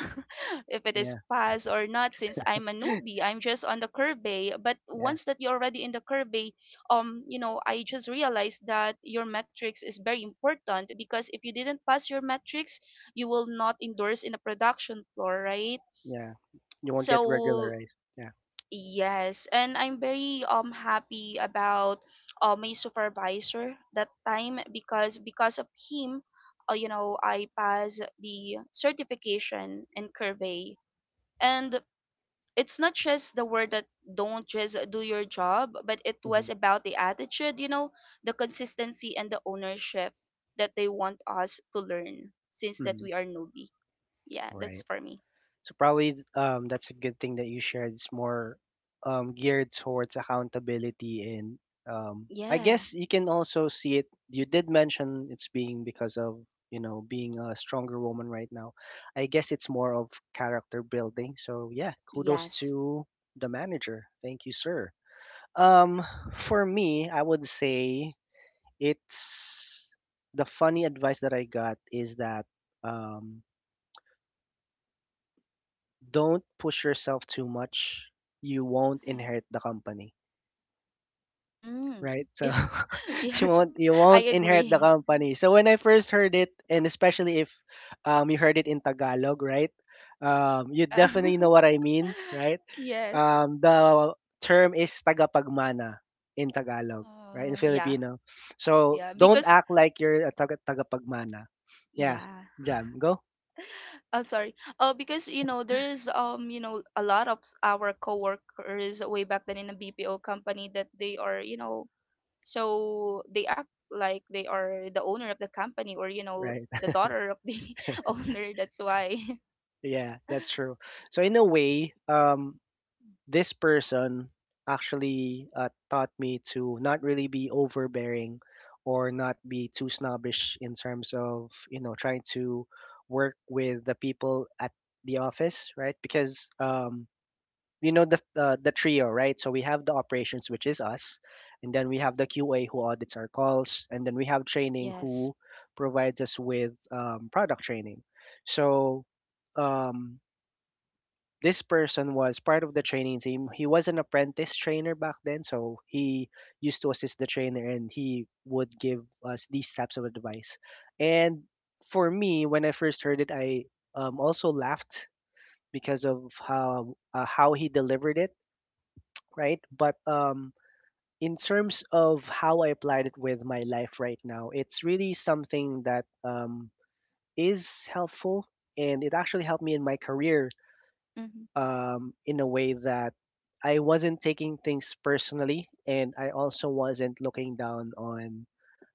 If it is Yeah, pass or not, since I'm a newbie, I'm just on the curvey. But yeah, once that you're already in the curvey, you know, I just realized that your metrics is very important, because if you didn't pass your metrics, you will not endorse in a production floor, right? yeah. You won't get So regularized. Yeah. yes, and I'm very happy about my supervisor that time, because of him, you know, I passed the certification in Curvey. And it's not just the word that don't just do your job, but it was Hmm. about the attitude, you know, the consistency and the ownership that they want us to learn since that Hmm. we are newbie. Yeah, that's Right. for me. So probably that's a good thing that you shared. It's more geared towards accountability, and I Yeah. guess you can also see it. You did mention it's being because of, you know, being a stronger woman right now. I guess it's more of character building. So yeah, kudos Yes. to the manager. Thank you, sir. Um, for me, I would say it's the funny advice that I got is that um, don't push yourself too much. You won't inherit the company, Mm. right? So Yeah. you Yes, won't you I won't inherit the agree. company. So when I first heard it, and especially if you heard it in Tagalog, right? You Yeah. definitely know what I mean, right? Yes. The term is tagapagmana in Tagalog, right? In Oh, Yeah. Filipino. So Yeah. don't Because act like you're a tagapagmana. Yeah, yeah. Jam, go. Oh, sorry. Oh, because you know there is you know a lot of our coworkers way back then in a BPO company that they are, you know, so they act like they are the owner of the company or, you know, Right. the daughter of the owner. That's why. Yeah, that's true. So in a way, this person actually taught me to not really be overbearing or not be too snobbish in terms of, you know, trying to work with the people at the office, right? Because um, you know the trio, right? So we have the operations, which is us, and then we have the QA, who audits our calls, and then we have training, Yes. who provides us with product training. So um, this person was part of the training team. He was an apprentice trainer back then, so he used to assist the trainer and he would give us these types of advice. And for me, when I first heard it, I also laughed because of how he delivered it, right? But in terms of how I applied it with my life right now, it's really something that is helpful, and it actually helped me in my career Mm-hmm. In a way that I wasn't taking things personally, and I also wasn't looking down on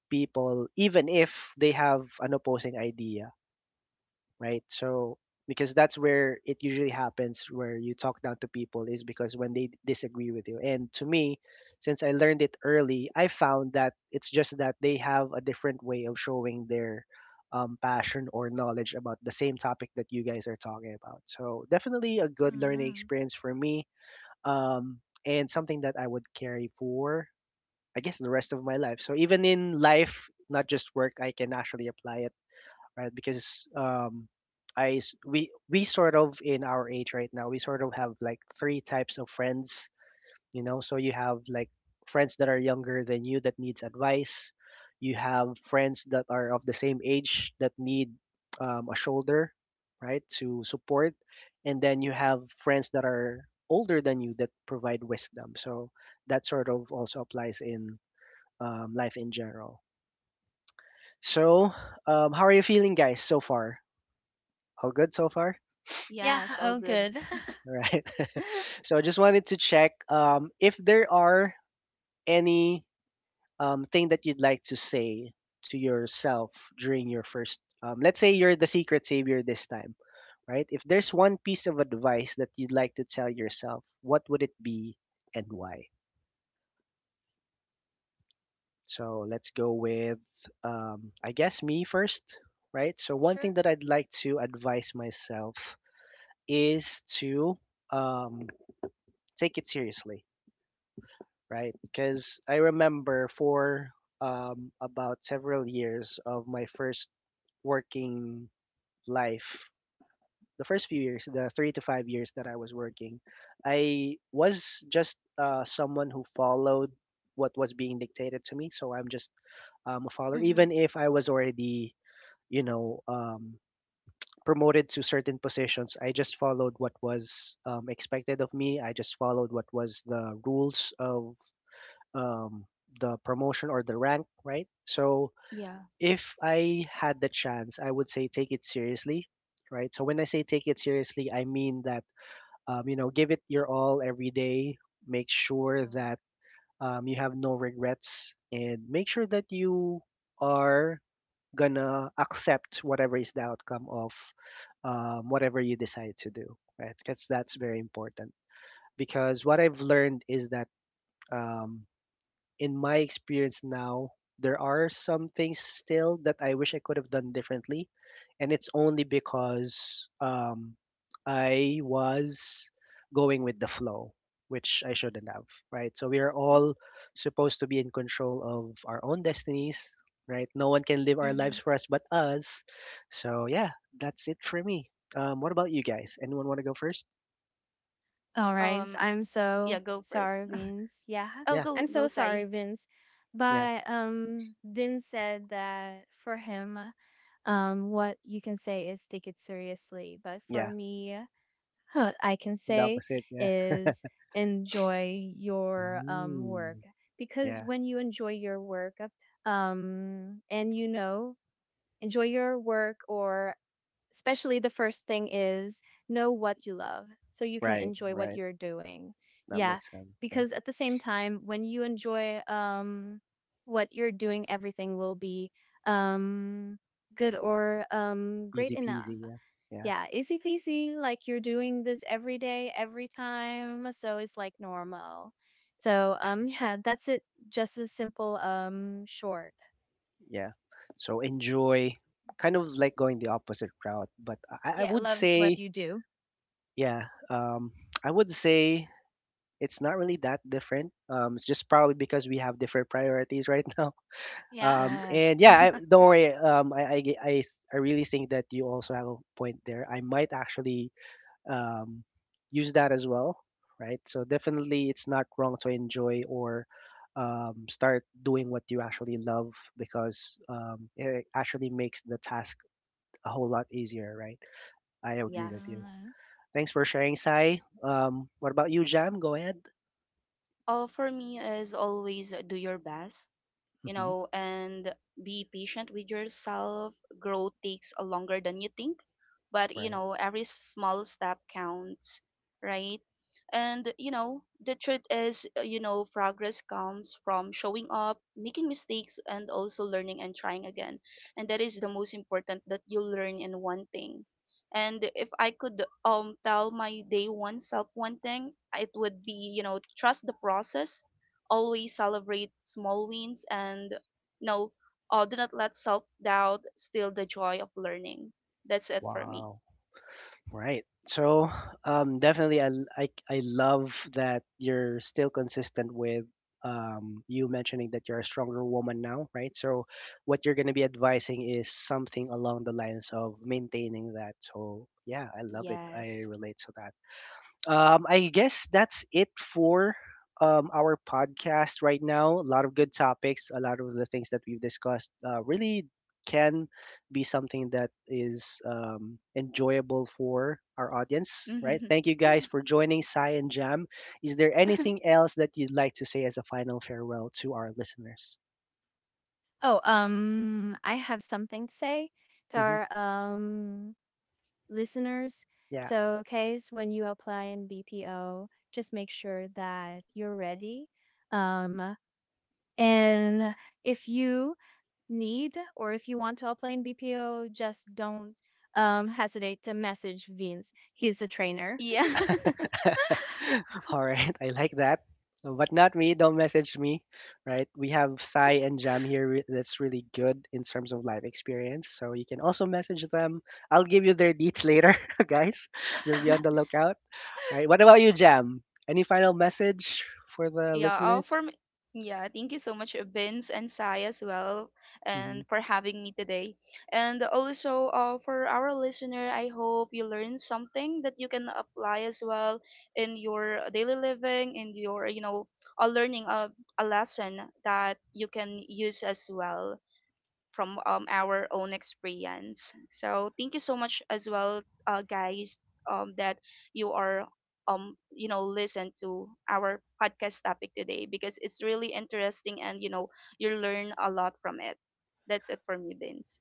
people, even if they have an opposing idea, right? So because that's where it usually happens where you talk down to people is because when they disagree with you. And to me, since I learned it early, I found that it's just that they have a different way of showing their passion or knowledge about the same topic that you guys are talking about. So definitely a good learning mm. experience for me, um, and something that I would carry for I guess the rest of my life. So even in life, not just work, I can actually apply it, right? Because I s- we sort of in our age right now, we sort of have like three types of friends, you know. So you have like friends that are younger than you that needs advice. You have friends that are of the same age that need a shoulder, right, to support, and then you have friends that are older than you that provide wisdom. So that sort of also applies in life in general. So, how are you feeling, guys, so far? All good so far? Yeah. Yes. All Oh, good. good. All right. So I just wanted to check if there are any thing that you'd like to say to yourself during your first, let's say you're the secret savior this time, right? If there's one piece of advice that you'd like to tell yourself, what would it be and why? So let's go with, I guess, me first, right? So one thing Sure. that I'd like to advise myself is to um, take it seriously, right? Because I remember for about several years of my first working life, the first few years, the 3 to 5 years that I was working, I was just someone who followed what was being dictated to me. So I'm just a follower. Mm-hmm. Even if I was already, you know, promoted to certain positions, I just followed what was expected of me. I just followed what was the rules of um, the promotion or the rank, right? So Yeah. if I had the chance, I would say take it seriously, right? So when I say take it seriously, I mean that you know, give it your all every day. Make sure that you have no regrets, and make sure that you are gonna accept whatever is the outcome of whatever you decide to do, right? Because that's very important. Because what I've learned is that um, in my experience now, there are some things still that I wish I could have done differently, and it's only because I was going with the flow, which I shouldn't have, right? So we are Oh. all supposed to be in control of our own destinies, right? No one can live our Mm-hmm. lives for us but us. So yeah, that's it for me. What about you guys? Anyone want to go first? All right. Um. I'm so Yeah, go first. sorry, Vince. Yeah. Oh, Yeah, I'm go, so sorry, Sai. Vince. yeah, But Vince said that for him, what you can say is take it seriously. But for yeah. me, what I can That say was it. Yeah. is enjoy your work. Mm, Because yeah. when you enjoy your work and you know, enjoy your work or especially the first thing is know what you love so you can Right. enjoy what Right. you're doing, That yeah, makes sense. Yeah. because at the same time when you enjoy what you're doing, everything will be um good or great Easy enough. peasy. Yeah. Yeah. Yeah, easy peasy, like you're doing this every day, every time, so it's like normal. So yeah, that's it. Just a simple short, Yeah. So enjoy, kind of like going the opposite route. But I yeah, would loves what say, you do. yeah, I would say it's not really that different. It's just probably because we have different priorities right now. Yeah. Yes. And yeah, I, don't worry. I really think that you also have a point there. I might actually um, use that as well, right? So definitely, it's not wrong to enjoy or start doing what you actually love because it actually makes the task a whole lot easier, right? I agree Yes. with you. Thanks for sharing, Sai. What about you, Jam? Go ahead. All for me is always do your best. You Hmm. know, and be patient with yourself. Growth takes a longer than you think, but you Right. know, every small step counts, right? And you know, the truth is, you know, progress comes from showing up, making mistakes, and also learning and trying again. And that is the most important that you learn in one thing. And if I could tell my day one self one thing, it would be, you know, trust the process, always celebrate small wins, and you know, do not let self-doubt steal the joy of learning. That's it for me. Wow. Right. So, definitely, I, l- I love that you're still consistent with you mentioning that you're a stronger woman now, right? So, what you're going to be advising is something along the lines of maintaining that. So, yeah, I love it. I Yes. relate to that. I guess that's it for our podcast right now. A lot of good topics, a lot of the things that we've discussed really can be something that is enjoyable for our audience, right? Thank you guys for joining Sai and Jam. Is there Mm. anything else that you'd like to say as a final farewell to our listeners? Oh, I have something to say to Hmm. our listeners. Yeah. So, case when you apply in BPO, just make sure that you're ready. Um, and if you need or if you want to apply in BPO, just don't hesitate to message Vince. He's a trainer. Yeah. All right, I like that. But not me. Don't message me, right? We have Sai and Jam here. That's really good in terms of life experience. So you can also message them. I'll give you their deets later, guys. Just be on the lookout. All right. What about you, Jam? Any final message for the Yeah, listeners? for me, yeah, thank you so much, Vince and Sai as well, Mm-hmm. and for having me today. And also, for our listener, I hope you learned something that you can apply as well in your daily living, in your, you know, learning a lesson that you can use as well from our own experience. So thank you so much as well, guys, that you are you know listen to our podcast topic today, because it's really interesting and you know you learn a lot from it. That's it for me, Vince.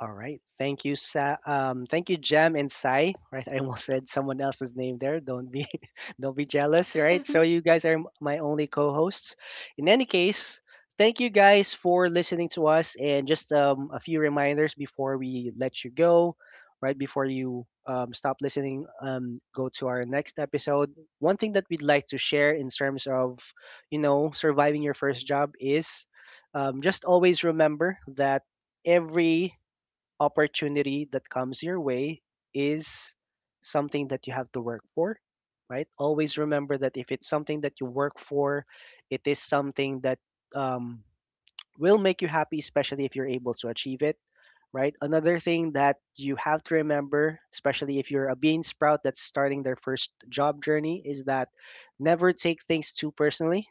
All right. Thank you, thank you, Jem and Sai. Right, I almost said someone else's name there. Don't be, don't be jealous. Right. So you guys are my only co-hosts. In any case, thank you guys for listening to us. And just a few reminders before we let you go. Right before you stop listening, go to our next episode. One thing that we'd like to share in terms of, you know, surviving your first job is, just always remember that every opportunity that comes your way is something that you have to work for, right? Always remember that if it's something that you work for, it is something that um, will make you happy, especially if you're able to achieve it, right? Another thing that you have to remember, especially if you're a bean sprout that's starting their first job journey, is that never take things too personally,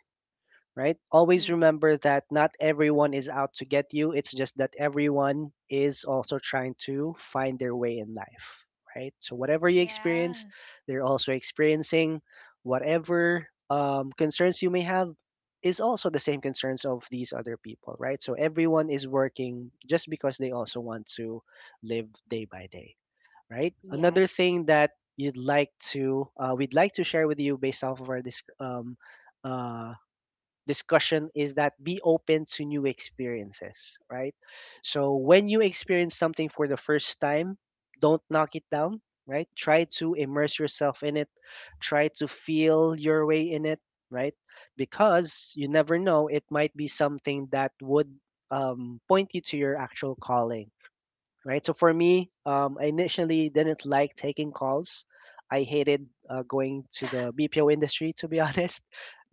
right? Always Mm-hmm. remember that not everyone is out to get you. It's just that everyone is also trying to find their way in life, right? So whatever you experience, Yes. they're also experiencing whatever concerns you may have is also the same concerns of these other people, right? So everyone is working just because they also want to live day by day, right? Another Yes. thing that you'd like to we'd like to share with you based off of our uh, discussion is that be open to new experiences, right? So when you experience something for the first time, don't knock it down, right? Try to immerse yourself in it, try to feel your way in it, right? Because you never know, it might be something that would point you to your actual calling, right? So for me, I initially didn't like taking calls. I hated going to the BPO industry, to be honest,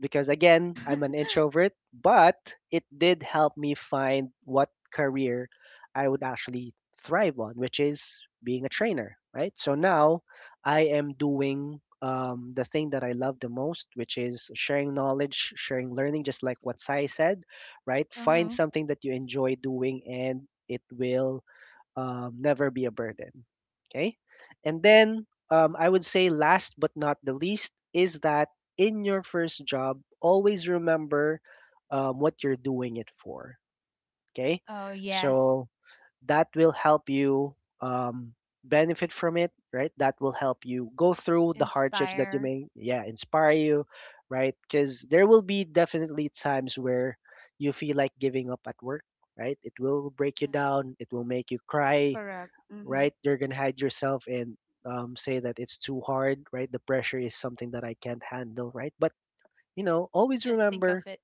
because again, I'm an introvert, but it did help me find what career I would actually thrive on, which is being a trainer, right? So now I am doing the thing that I love the most, which is sharing knowledge, sharing learning, just like what Sai said, right? Uh Find huh. something that you enjoy doing and it will never be a burden. Okay. And then I would say, last but not the least, is that in your first job, always remember what you're doing it for. Okay. Oh yes. So that will help you um, benefit from it, right? That will help you go through the hardships that you Inspire. may, yeah, inspire you, right? Because there will be definitely times where you feel like giving up at work, right? It will break you down, it will make you cry, Correct. Mm-hmm. right? You're gonna hide yourself and say that it's too hard, right? The pressure is something that I can't handle, right? But you know, always Just think of remember, it.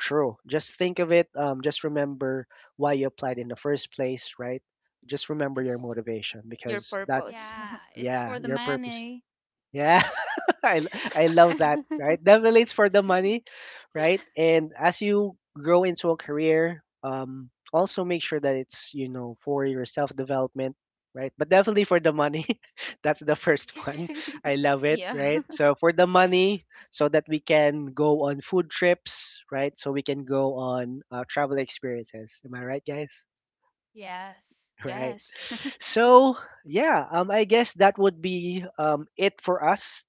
true. Just think of it. Just remember why you applied in the first place, right? Just remember your Yes. motivation Your because that, purpose. Yeah, it's yeah, for the your purpose. money. Yeah. I, I love that, right? Definitely it's for the money, right? And as you grow into a career, also make sure that it's, you know, for your self development, right? But definitely for the money. That's the first one. I love it, Yeah. right? So for the money, so that we can go on food trips, right? So we can go on travel experiences. Am I right, guys? Yes. Right. Yes. So yeah, I guess that would be it for us.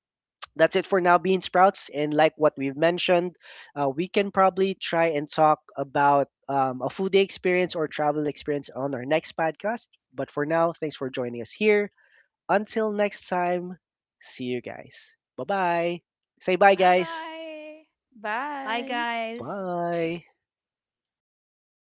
That's it for now, Bean Sprouts. And like what we've mentioned, we can probably try and talk about a food day experience or travel experience on our next podcast. But for now, thanks for joining us here. Until next time, see you guys. Bye bye. Say bye, Bye guys. bye. Bye, Bye. guys. Bye.